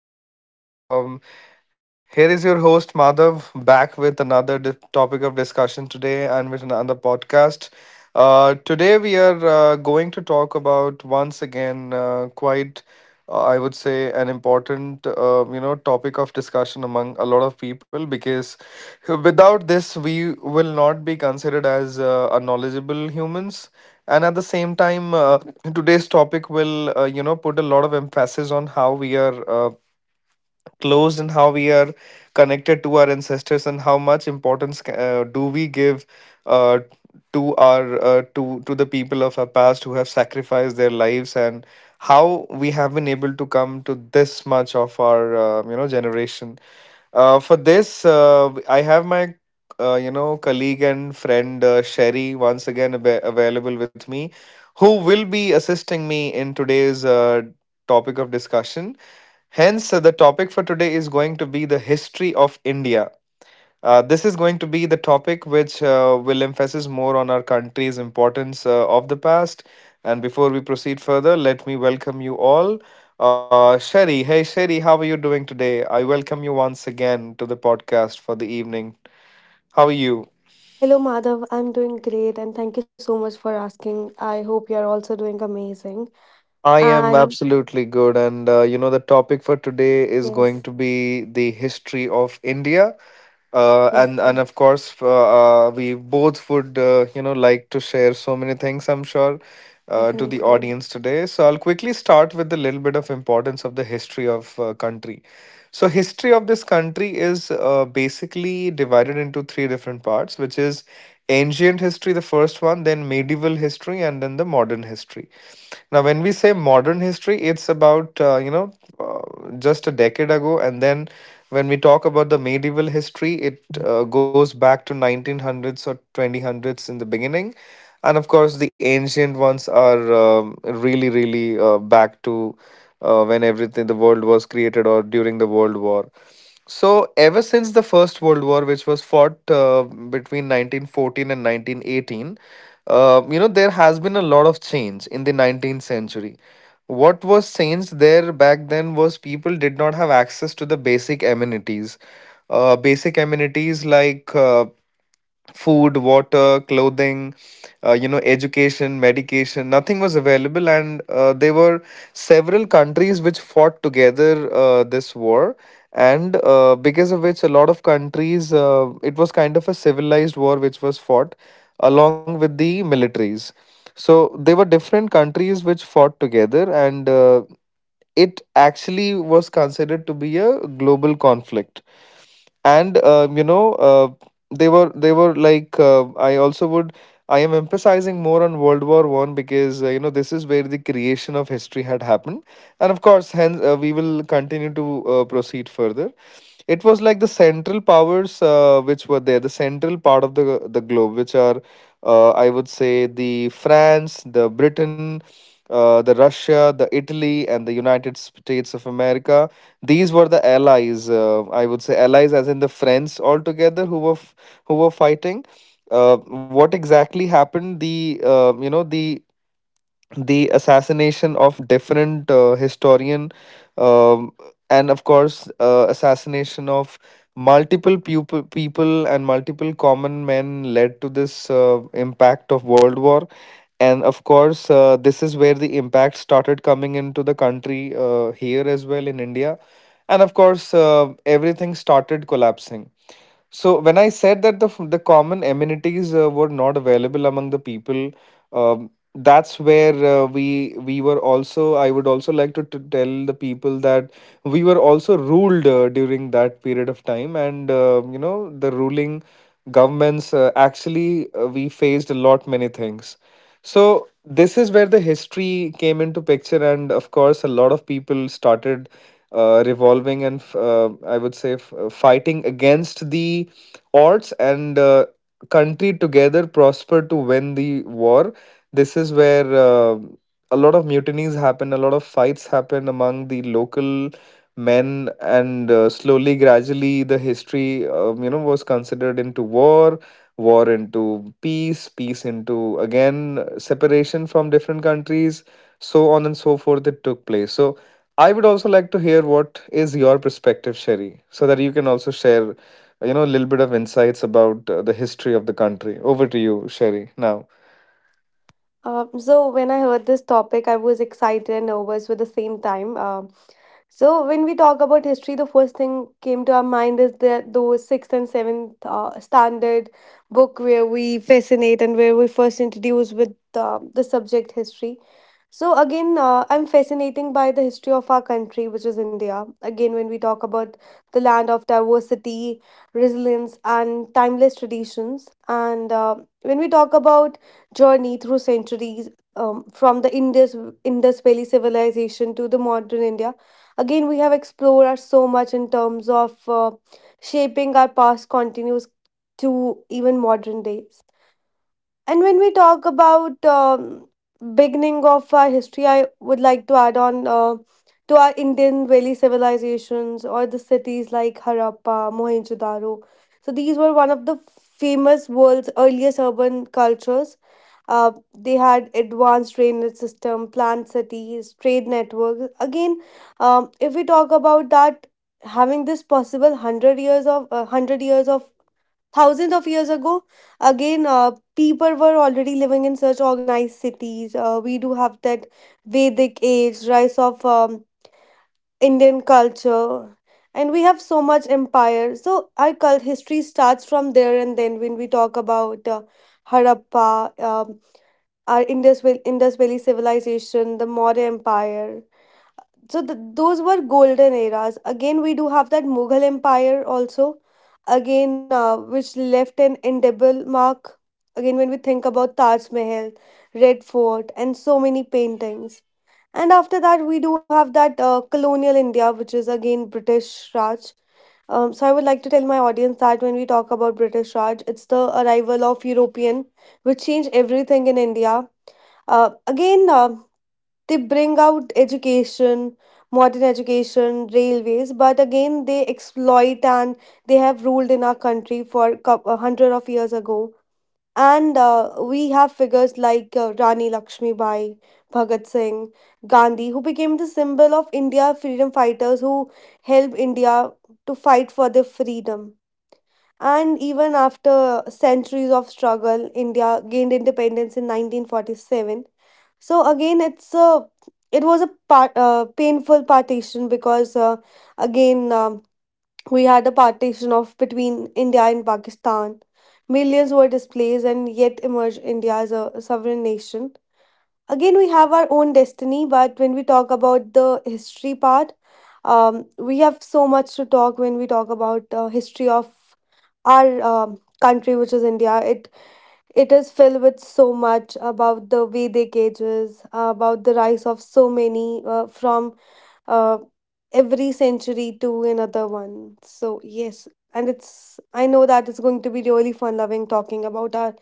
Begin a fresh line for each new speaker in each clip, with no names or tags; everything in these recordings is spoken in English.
Hi, everyone. Here is your host, Madhav, back with another topic of discussion today and with another podcast. Today, we are going to talk about once again I would say, an important topic of discussion among a lot of people, because without this, we will not be considered as a knowledgeable humans. And at the same time, today's topic will put a lot of emphasis on how we are closed in, how we are connected to our ancestors and how much importance do we give uh, to our to the people of our past who have sacrificed their lives, and how we have been able to come to this much of our generation. For this, I have my colleague and friend, Sherry, once again available with me, who will be assisting me in today's topic of discussion. Hence, the topic for today is going to be the history of India. This is going to be the topic which will emphasize more on our country's importance of the past. And before we proceed further, let me welcome you all. Sherry, hey Sherry, how are you doing today? I welcome you once again to the podcast for the evening. How are you?
Hello, Madhav. I'm doing great, and thank you so much for asking. I hope you're also doing amazing.
I
And
am absolutely good. And the topic for today is
yes,
going to be the history of India. uh,
yes,
and and of course, we both would like to share so many things, I'm sure,
definitely.
to the audience today. So I'll quickly start with a little bit of importance of the history of country. So history of this country is basically divided into three different parts, which is ancient history, the first one, then medieval history, and then the modern history. Now, when we say modern history, it's about, just a decade ago. And then when we talk about the medieval history, it goes back to 1900s or 2000s in the beginning. And of course, the ancient ones are really, really back to when everything, the world was created, or during the World War. So ever since the First World War, which was fought between 1914 and 1918, there has been a lot of change in the 19th century. What was changed there back then was people did not have access to the basic amenities. Basic amenities like food, water, clothing, education, medication, nothing was available. And there were several countries which fought together this war. And because of which, a lot of countries, it was kind of a civilized war which was fought along with the militaries. So they were different countries which fought together, and it actually was considered to be a global conflict. And they were like, I also would, I am emphasizing more on World War One, because this is where the creation of history had happened, and of course, hence we will continue to proceed further. It was like the central powers which were there, the central part of the globe, which are I would say the France, the Britain, the Russia, the Italy, and the United States of America. These were the allies. I would say allies, as in the friends altogether who were who were fighting. uh, what exactly happened, the the assassination of different historian, um, and of course assassination of multiple people and multiple common men, led to this impact of world war. And of course, this is where the impact started coming into the country here as well, in India. And of course, everything started collapsing. So when I said that the the common amenities were not available among the people, that's where we were also. I would also like to tell the people that we were also ruled during that period of time, and the ruling governments actually, we faced a lot many things. So this is where the history came into picture, and of course, a lot of people started revolving and I would say fighting against the odds, and country together prospered to win the war. This is where a lot of mutinies happen, a lot of fights happen among the local men, and slowly, gradually, the history was considered into war, war into peace, peace into again separation from different countries, so on and so forth. It took place. So I would also like to hear what is your perspective, Sherry, so that you can also share, a little bit of insights about the history of the country. Over to you, Sherry. Now.
So, when I heard this topic, I was excited and nervous with the same time. So, when we talk about history, the first thing came to our mind is that those sixth and seventh standard book where we fascinate and where we first introduce with the subject history. So again, I'm fascinating by the history of our country, which is India. Again, when we talk about the land of diversity, resilience, and timeless traditions, and when we talk about journey through centuries, from the Indus Valley civilization to the modern India, again we have explored us so much in terms of shaping our past continues to even modern days. And when we talk about beginning of our history, I would like to add on to our Indian valley civilizations or the cities like Harappa, Mohenjo-daro. So these were one of the famous world's earliest urban cultures. Uh, they had advanced drainage system, planned cities, trade networks. Again, if we talk about that, having this possible hundred years of thousands of years ago, again people were already living in such organized cities. We do have that vedic age rise of indian culture, and we have so much empire. So our cult history starts from there. And then when we talk about harappa, our indus valley civilization, the maurya empire, so those were golden eras. Again we do have that mughal empire also, again which left an indelible mark. Again when we think about taj mahal, red fort, and so many paintings. And after that we do have that colonial india, which is again british raj. So I would like to tell my audience that when we talk about british raj, it's the arrival of european which changed everything in india. Uh, again They bring out education, modern education, railways, but again they exploit and they have ruled in our country for a hundred of years ago. And we have figures like rani lakshmi bai, bhagat singh, gandhi, who became the symbol of india freedom fighters who helped india to fight for their freedom. And even after centuries of struggle, india gained independence in 1947. So again, it was a part, painful partition because again we had a partition of between India and Pakistan. Millions were displaced and yet emerged India as a sovereign nation. Again, we have our own destiny, but when we talk about the history part, we have so much to talk when we talk about history of our country, which is India. It is filled with so much about the Vedic ages, about the rise of so many from uh, every century to another one. So, yes, and it's, I know that it's going to be really fun loving talking about our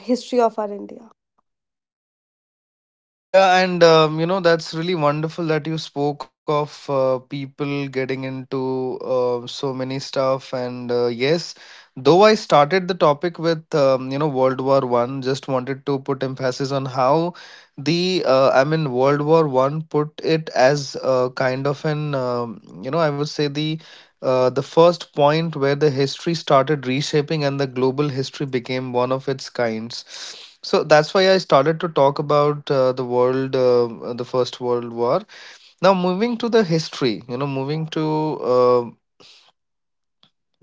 history of our India.
Yeah, and that's really wonderful that you spoke of people getting into so many stuff. And yes, though I started the topic with World War One, just wanted to put emphasis on how the I mean World War One put it as a kind of an I would say the first point where the history started reshaping and the global history became one of its kinds. So that's why I started to talk about the world, the First World War. Now, moving to the history, moving to,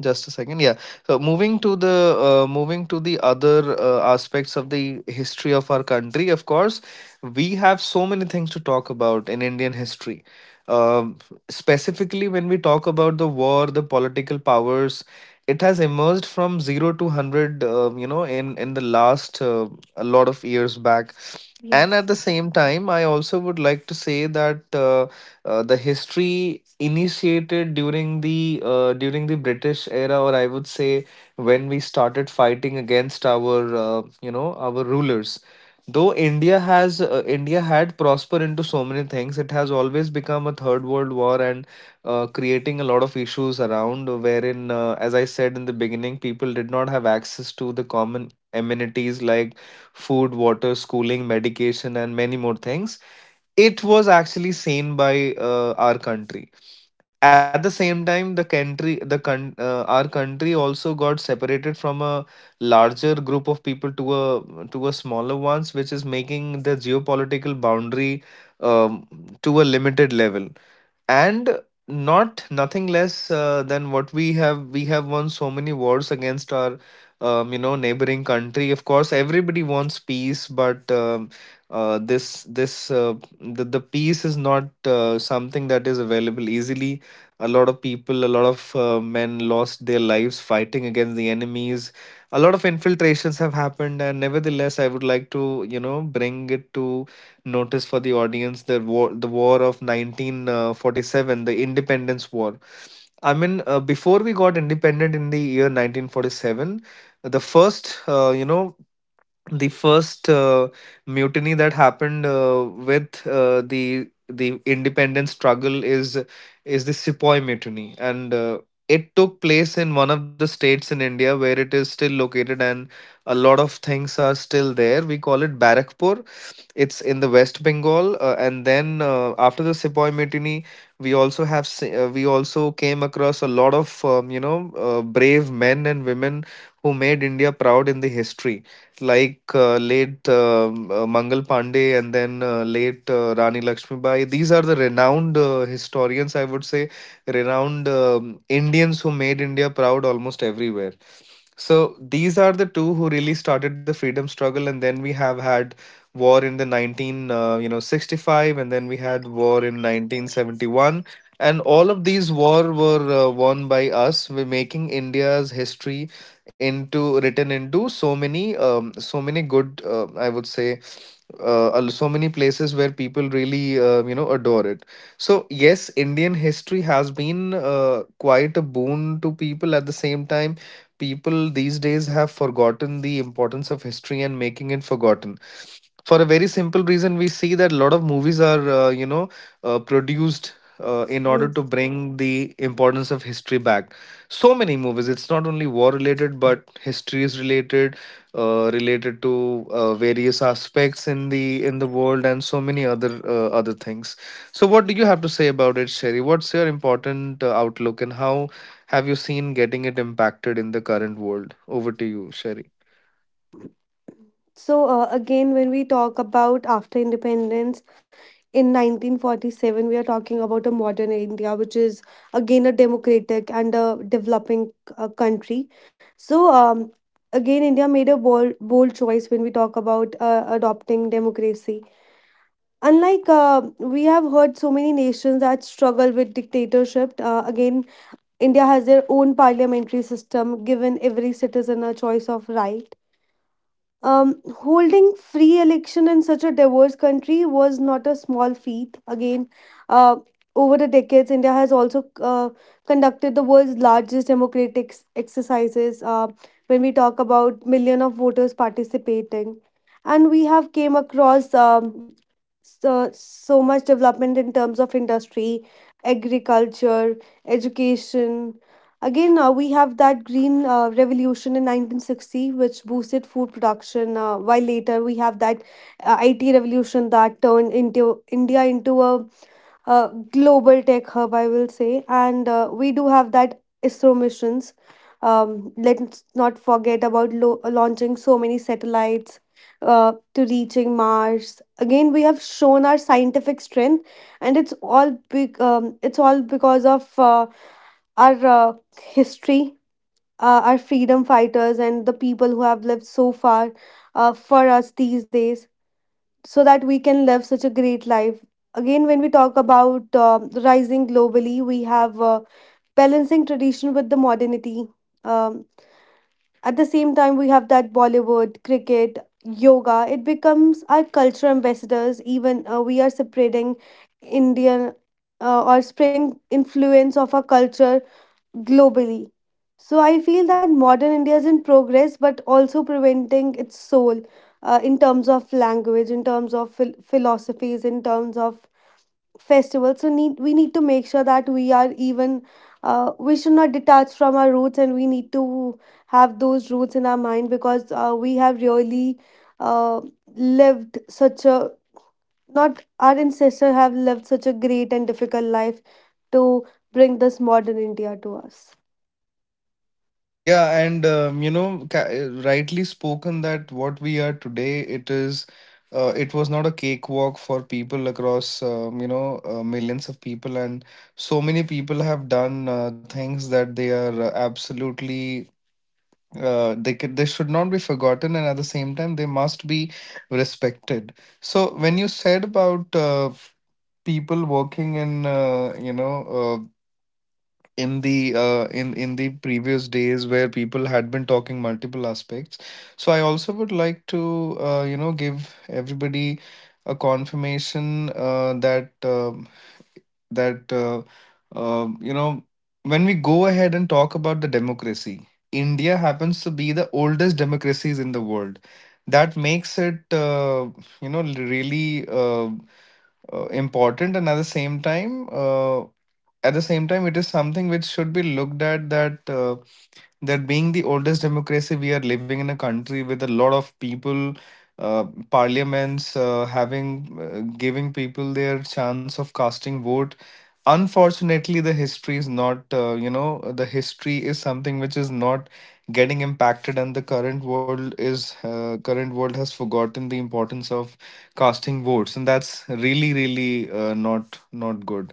just a second. Yeah. So moving to the other aspects of the history of our country, of course, we have so many things to talk about in Indian history. Um, specifically, when we talk about the war, the political powers, it has emerged from zero to hundred. In the last, a lot of years back. And at
Yes,
the same time, I also would like to say that the history initiated during the British era, or I would say when we started fighting against our our rulers. Though India had prospered into so many things, it has always become a third world war and creating a lot of issues around, wherein, as I said in the beginning, people did not have access to the common amenities like food, water, schooling, medication, and many more things. It was actually seen by our country. At the same time, the country, the our country also got separated from a larger group of people to a smaller ones, which is making the geopolitical boundary um, to a limited level. And not nothing less than what we have, we have won so many wars against our neighboring country. Of course everybody wants peace, but this this the peace is not something that is available easily. A lot of people, a lot of men lost their lives fighting against the enemies. A lot of infiltrations have happened, and nevertheless I would like to bring it to notice for the audience, the war of 1947, the independence war. I mean, before we got independent in the year 1947, the first the first mutiny that happened with the independence struggle is the Sepoy Mutiny. And it took place in one of the states in India, where it is still located, and a lot of things are still there. We call it Barakpur. It's in the West Bengal. And then after the Sepoy Mutiny, we also have we also came across a lot of brave men and women who made India proud in the history, like late Mangal Pandey, and then late Rani Lakshmibai. These are the renowned historians, I would say, renowned Indians who made India proud almost everywhere. So these are the two who really started the freedom struggle, and then we have had war in the 19 65, and then we had war in 1971, and all of these war were won by us, we're making India's history into, written into so many so many good, I would say, so many places where people really, adore it. So yes, Indian history has been quite a boon to people. At the same time, people these days have forgotten the importance of history and making it forgotten for a very simple reason. We see that a lot of movies are, produced in order to
yes.
bring the importance of history back. So many movies, it's not only war related but history is related, related to various aspects in the world and so many other other things. So what do you have to say about it, Sherry? What's your important outlook, and how have you seen getting it impacted in the current world? Over to you, Sherry.
So, again, when we talk about after independence, in 1947 we are talking about a modern india, which is again a democratic and a developing country. So again india made a bold choice when we talk about adopting democracy, unlike we have heard so many nations that struggle with dictatorship. Again india has their own parliamentary system, given every citizen a choice of right, holding free election in such a diverse country, was not a small feat. Again, uh, over the decades, India has also conducted the world's largest democratic exercises. When we talk about million of voters participating, and we have came across so, so much development in terms of industry, agriculture, education. Again, we have that green revolution in 1960, which boosted food production, while later we have that IT revolution that turned into India into a global tech hub, I will say. And we do have that ISRO missions. Let's not forget about launching so many satellites to reaching Mars. Again, we have shown our scientific strength, and it's all big. It's all because of our history, our freedom fighters, and the people who have lived so far for us these days, so that we can live such a great life. Again, when we talk about rising globally, we have balancing tradition with the modernity. Um, at the same time, we have that Bollywood, cricket, yoga. It becomes our cultural ambassadors. Even we are spreading Indian or spreading influence of our culture globally. So I feel that modern India is in progress, but also preventing its soul in terms of language, in terms of philosophies, in terms of festivals. So need we need to make sure that we are even we should not detach from our roots, and we need to have those roots in our mind because we have really uh, lived such a not our ancestors have lived such a great and difficult life to bring this modern India to us.
Yeah, and rightly spoken that what we are today, it is, it was not a cakewalk for people across, millions of people, and so many people have done things that they are absolutely, they could, they should not be forgotten, and at the same time, they must be respected. So when you said about people working in, in the in the previous days where people had been talking multiple aspects, so I also would like to give everybody a confirmation that that uh, uh, you know when we go ahead and talk about the democracy, India happens to be the oldest democracies in the world. That makes it, you know really important, and at the same time, at the same time it is something which should be looked at, that that being the oldest democracy, we are living in a country with a lot of people, uh, parliaments having giving people their chance of casting vote. Unfortunately, the history is not, the history is something which is not getting impacted, and the current world is, current world has forgotten the importance of casting votes, and that's really really not not good.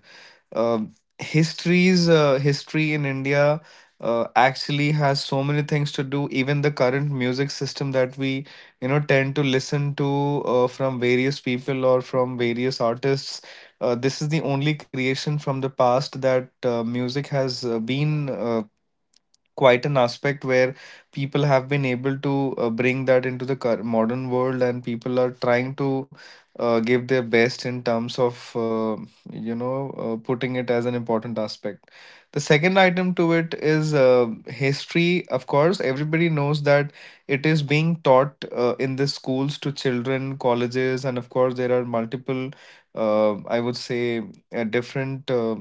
um History's history in India actually has so many things to do. Even the current music system that we, you know, tend to listen to from various people or from various artists. This is the only creation from the past, that music has been quite an aspect where people have been able to bring that into the modern world, and people are trying to give their best in terms of, putting it as an important aspect. The second item to it is history. Of course everybody knows that it is being taught in the schools to children, colleges, and of course there are multiple, I would say, different uh,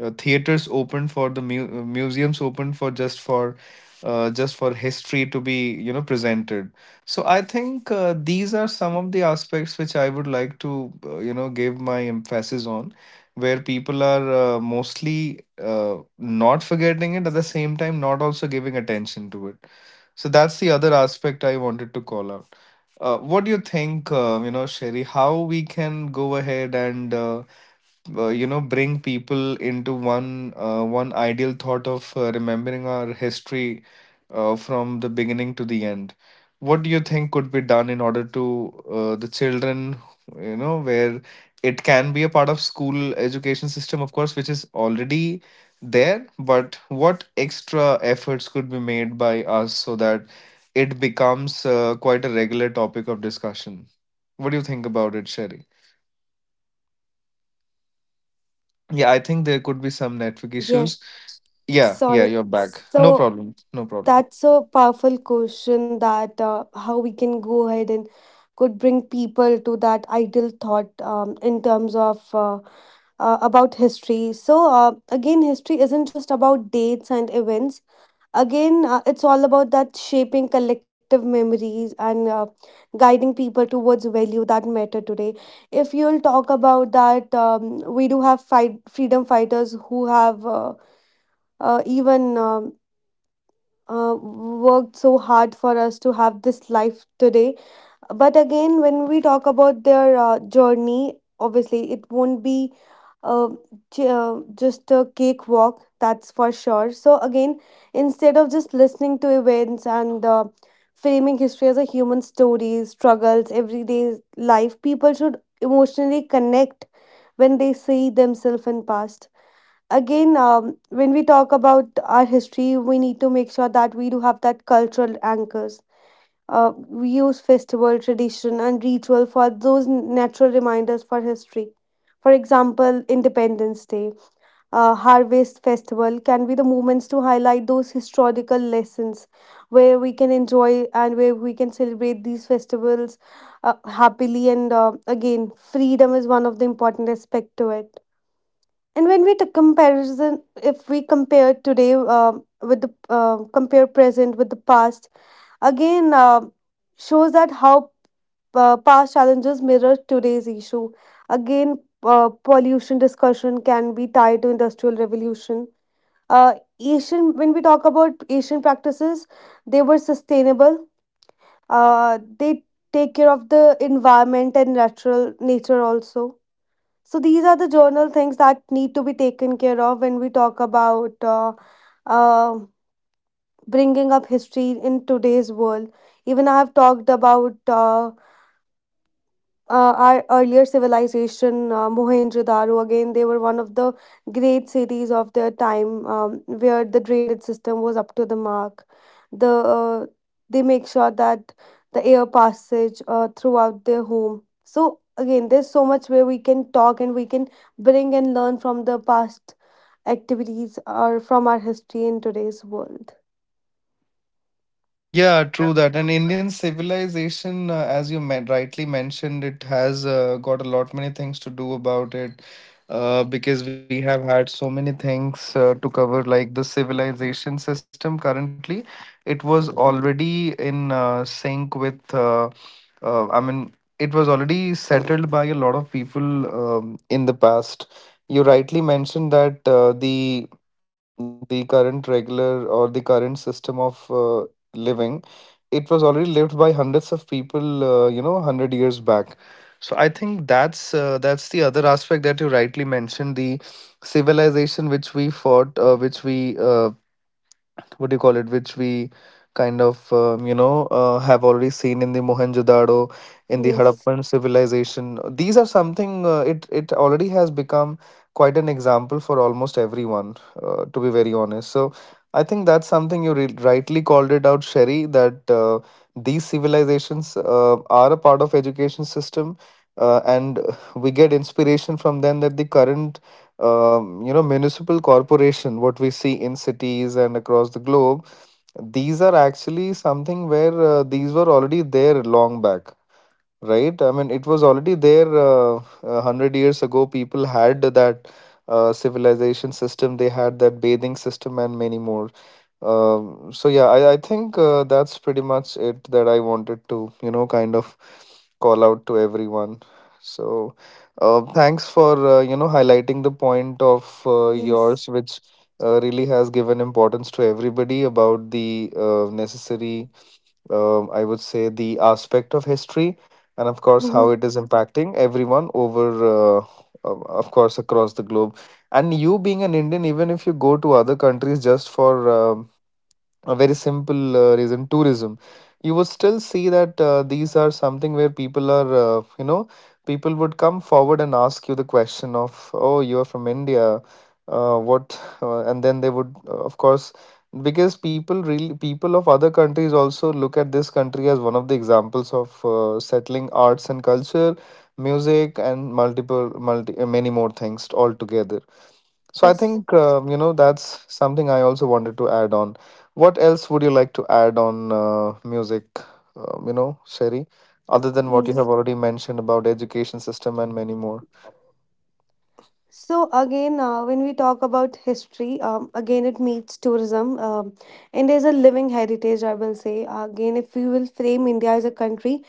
uh, theaters open for the museums open for just for just for history to be, you know, presented. So I think, these are some of the aspects which I would like to give my emphasis on, where people are mostly not forgetting it, at the same time not also giving attention to it. So that's the other aspect I wanted to call out. What do you think, Sherry, how we can go ahead and bring people into one one ideal thought of remembering our history from the beginning to the end? What do you think could be done in order to, the children, you know, where it can be a part of school education system, of course, which is already there, but what extra efforts could be made by us so that it becomes quite a regular topic of discussion? What do you think about it, Sherry? Yeah, I think there could be some network
Yeah,
issues. Yeah, yeah,
sorry.
you're back. No
So
problem. No problem.
that's a powerful question that how we can go ahead and could bring people to that ideal thought in terms of about history. So again history isn't just about dates and events. Again, it's all about that shaping collective memories and guiding people towards value that matter today. If you'll talk about that, we do have fight freedom fighters who have even worked so hard for us to have this life today. But again, when we talk about their journey, obviously it won't be uh, just a cakewalk, that's for sure. So, again, instead of just listening to events and framing history as a human story, struggles, everyday life, people should emotionally connect when they see themselves in past. Again, when we talk about our history, we need to make sure that we do have that cultural anchors. We use festival, tradition, and ritual for those natural reminders for history. For example, Independence Day, Harvest Festival can be the moments to highlight those historical lessons where we can enjoy and where we can celebrate these festivals happily. And again, freedom is one of the important aspect to it. And when we comparison, if we compare today with the compare present with the past, again shows that how past challenges mirror today's issue. Again, pollution discussion can be tied to industrial revolution. Uh, Asian, when we talk about Asian practices, they were sustainable. They take care of the environment and natural nature also. So these are the journal things that need to be taken care of when we talk about uh, bringing up history in today's world. Even I have talked about our earlier civilization, Mohenjo-daro. Again, they were one of the great cities of their time, where the drainage system was up to the mark. The uh, they make sure that the air passage throughout their home. So again, there's so much where we can talk and we can bring and learn from the past activities or from our history in today's world.
Yeah, true that. And Indian civilization, as you rightly mentioned, it has got a lot many things to do about it, because we have had so many things to cover, like the civilization system currently. It was already in sync with, I mean, it was already settled by a lot of people in the past. You rightly mentioned that the current regular or the current system of living, it was already lived by hundreds of people, 100 years back. So I think that's the other aspect that you rightly mentioned, the civilization which we fought, which we, what do you call it, which we kind of have already seen in the Mohenjo-daro, in the
Yes.
Harappan civilization. These are something, it it already has become quite an example for almost everyone, to be very honest. So, I think that's something you rightly called it out, Sherry, that these civilizations are a part of education system, and we get inspiration from them, that the current, municipal corporation what we see in cities and across the globe, these are actually something where these were already there long back, right? I mean, it was already there 100 years ago. People had that civilization system, they had that bathing system and many more. So yeah, I think that's pretty much it that I wanted to, you know, kind of call out to everyone. So, thanks for, highlighting the point of yours,
Yes.
which really has given importance to everybody about the necessary, I would say, the aspect of history, and of course, how
Mhm.
it is impacting everyone over, of course, across the globe. And you being an Indian, even if you go to other countries, just for a very simple reason, tourism, you would still see that these are something where people are, people would come forward and ask you the question of, oh, you are from India, what, and then they would, of course, because people really, people of other countries also look at this country as one of the examples of settling arts and culture, music, and multiple multi many more things altogether. So I
Yes,
think, that's something I also wanted to add on. What else would you like to add on, music, Sherry, other than what you have
yes.
already mentioned about education system and many more?
So again, when we talk about history, again it meets tourism. India is a living heritage, I will say. Again, if we will frame India as a country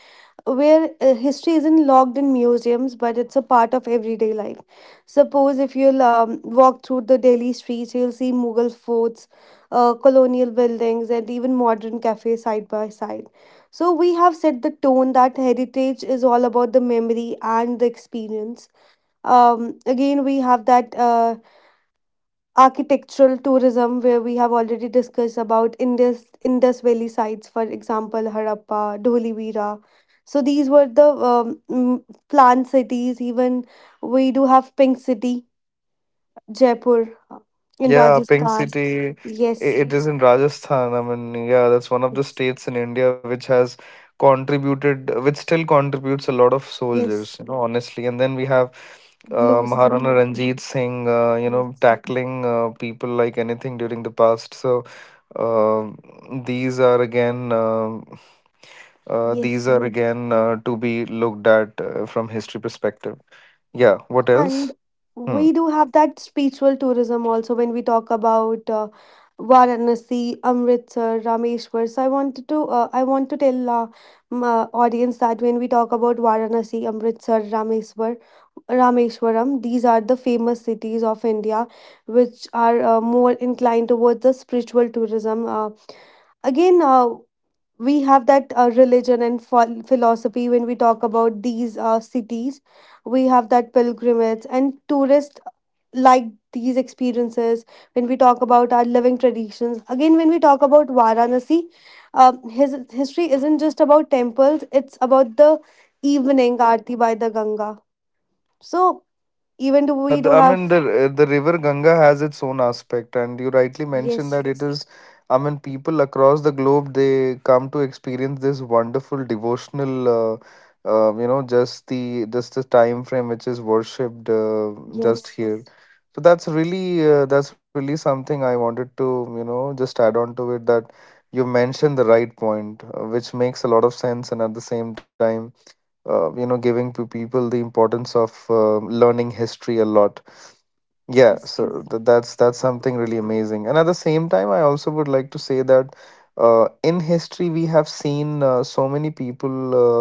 where history isn't locked in museums but it's a part of everyday life. Suppose if you'll walk through the delhi streets, you'll see mughal forts, colonial buildings, and even modern cafes side by side. So we have set the tone that heritage is all about the memory and the experience. Again we have that architectural tourism, where we have already discussed about Indus Valley sites, for example Harappa, Dholivira. So these were the planned cities. Even we do have Pink City, Jaipur, in
Yeah, Pink
Rajasthan.
City,
Yes.
it is in Rajasthan. I mean, yeah, that's one of the
Yes.
states in India which has contributed, which still contributes a lot of
Yes,
soldiers, you know, honestly. And then we have
blue city.
Maharana Ranjit Singh,
Yes.
tackling people like anything during the past. So uh, these are again, uh, these
Yes.
are again to be looked at from history perspective. Yeah. What
And
else? Hmm.
we do have that spiritual tourism also when we talk about Varanasi, Amritsar, Rameshwar. So I wanted to I want to tell my audience that when we talk about Varanasi, Amritsar, Rameshwar, Rameshwaram, these are the famous cities of India, which are more inclined towards the spiritual tourism. Again. We have that religion and philosophy. When we talk about these cities, we have that pilgrimage and tourists like these experiences. When we talk about our living traditions, again when we talk about varanasi, his history isn't just about temples, it's about the evening aarti by the ganga. So even do
Yeah,
we
the,
do
I
have
mean the river Ganga has its own aspect, and you rightly mentioned
yes,
that it is. I mean, people across the globe, they come to experience this wonderful devotional. Just the time frame which is worshipped just
yes,
here. So that's really something I wanted to, you know, just add on to it, that you mentioned the right point, which makes a lot of sense, and at the same time, giving to people the importance of learning history a lot. Yeah,
yes,
so that's something really amazing. And at the same time, I also would like to say that in history we have seen so many people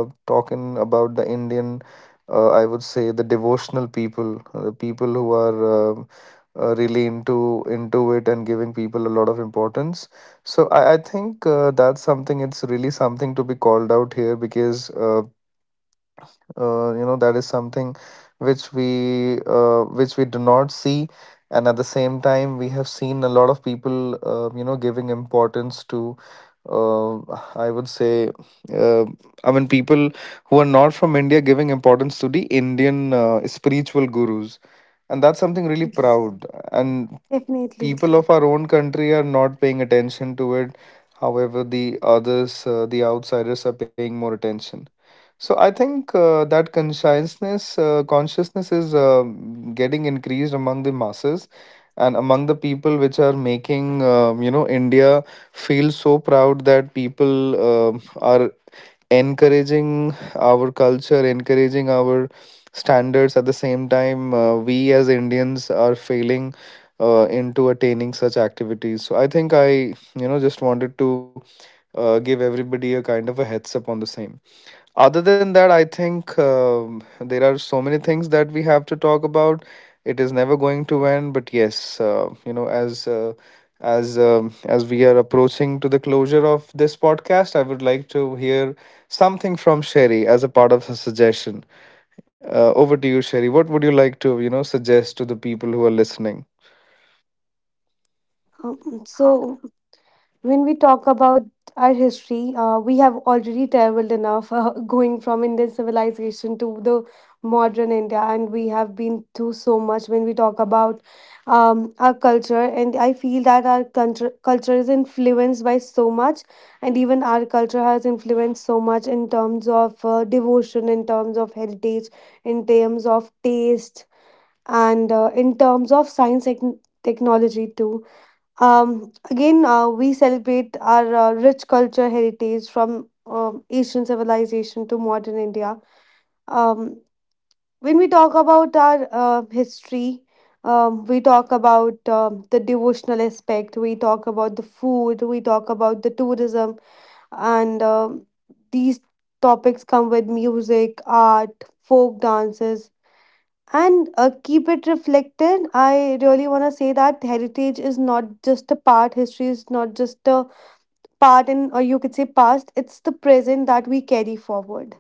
talking about the Indian, I would say the devotional people, the people who are really into it and giving people a lot of importance. So I think that's something. It's really something to be called out here. Because that is something which we, which we do not see, and at the same time we have seen a lot of people, giving importance to, uh, I would say, uh, I mean people who are not from India giving importance to the Indian spiritual gurus, and that's something really
yes,
proud, and
definitely.
people of our own country are not paying attention to it. However, the others, the outsiders are paying more attention. So I think, that consciousness, consciousness is getting increased among the masses and among the people, which are making, India feel so proud that people are encouraging our culture, encouraging our standards. At the same time, we as Indians are failing into attaining such activities. So I think I you know just wanted to give everybody a kind of a heads up on the same. Other than that, I think there are so many things that we have to talk about. It is never going to end. But yes, as we are approaching to the closure of this podcast, I would like to hear something from Sherry as a part of her suggestion. Over to you, Sherry. What would you like to, you know, suggest to the people who are listening?
Um, so when we talk about our history, we have already traveled enough going from Indian civilization to the modern India, and we have been through so much when we talk about our culture. And I feel that our culture is influenced by so much, and even our culture has influenced so much in terms of devotion, in terms of heritage, in terms of taste, and in terms of science and technology too. Again, we celebrate our rich culture heritage from Asian civilization to modern India. Um, when we talk about our history, we talk about the devotional aspect, we talk about the food, we talk about the tourism, and these topics come with music, art, folk dances, and keep it reflected. I really want to say that heritage is not just a part, history is not just a part in, or you could say past, it's the present that we carry forward.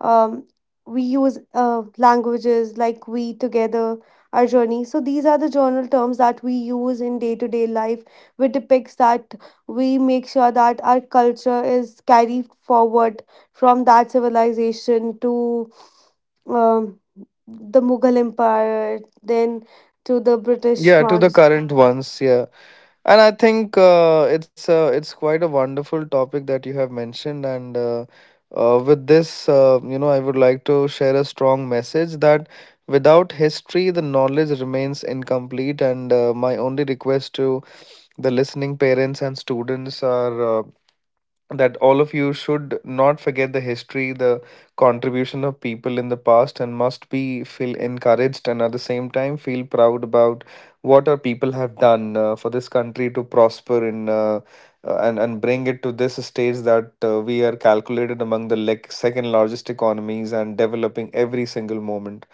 um, we use languages like we together our journey. So these are the journal terms that we use in day to day life, which depicts that we make sure that our culture is carried forward from that civilization to um, the mughal empire, then to the british
Yeah, to the
one.
current ones. Yeah. And I think it's a it's quite a wonderful topic that you have mentioned, and with this, I would like to share a strong message that without history, the knowledge remains incomplete. And my only request to the listening parents and students are. Uh, that all of you should not forget the history, the contribution of people in the past, and must be feel encouraged, and at the same time feel proud about what our people have done for this country to prosper in and bring it to this stage, that we are calculated among the second largest economies and developing every single moment.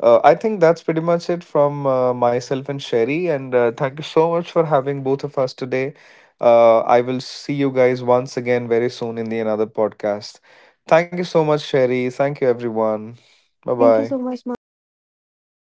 I think that's pretty much it from myself and Sherry. And thank you so much for having both of us today. I will see you guys once again very soon in the another podcast. Thank you so much, Sherry. Thank you, everyone. Bye
Thank you so
bye.
much madhav. Bye.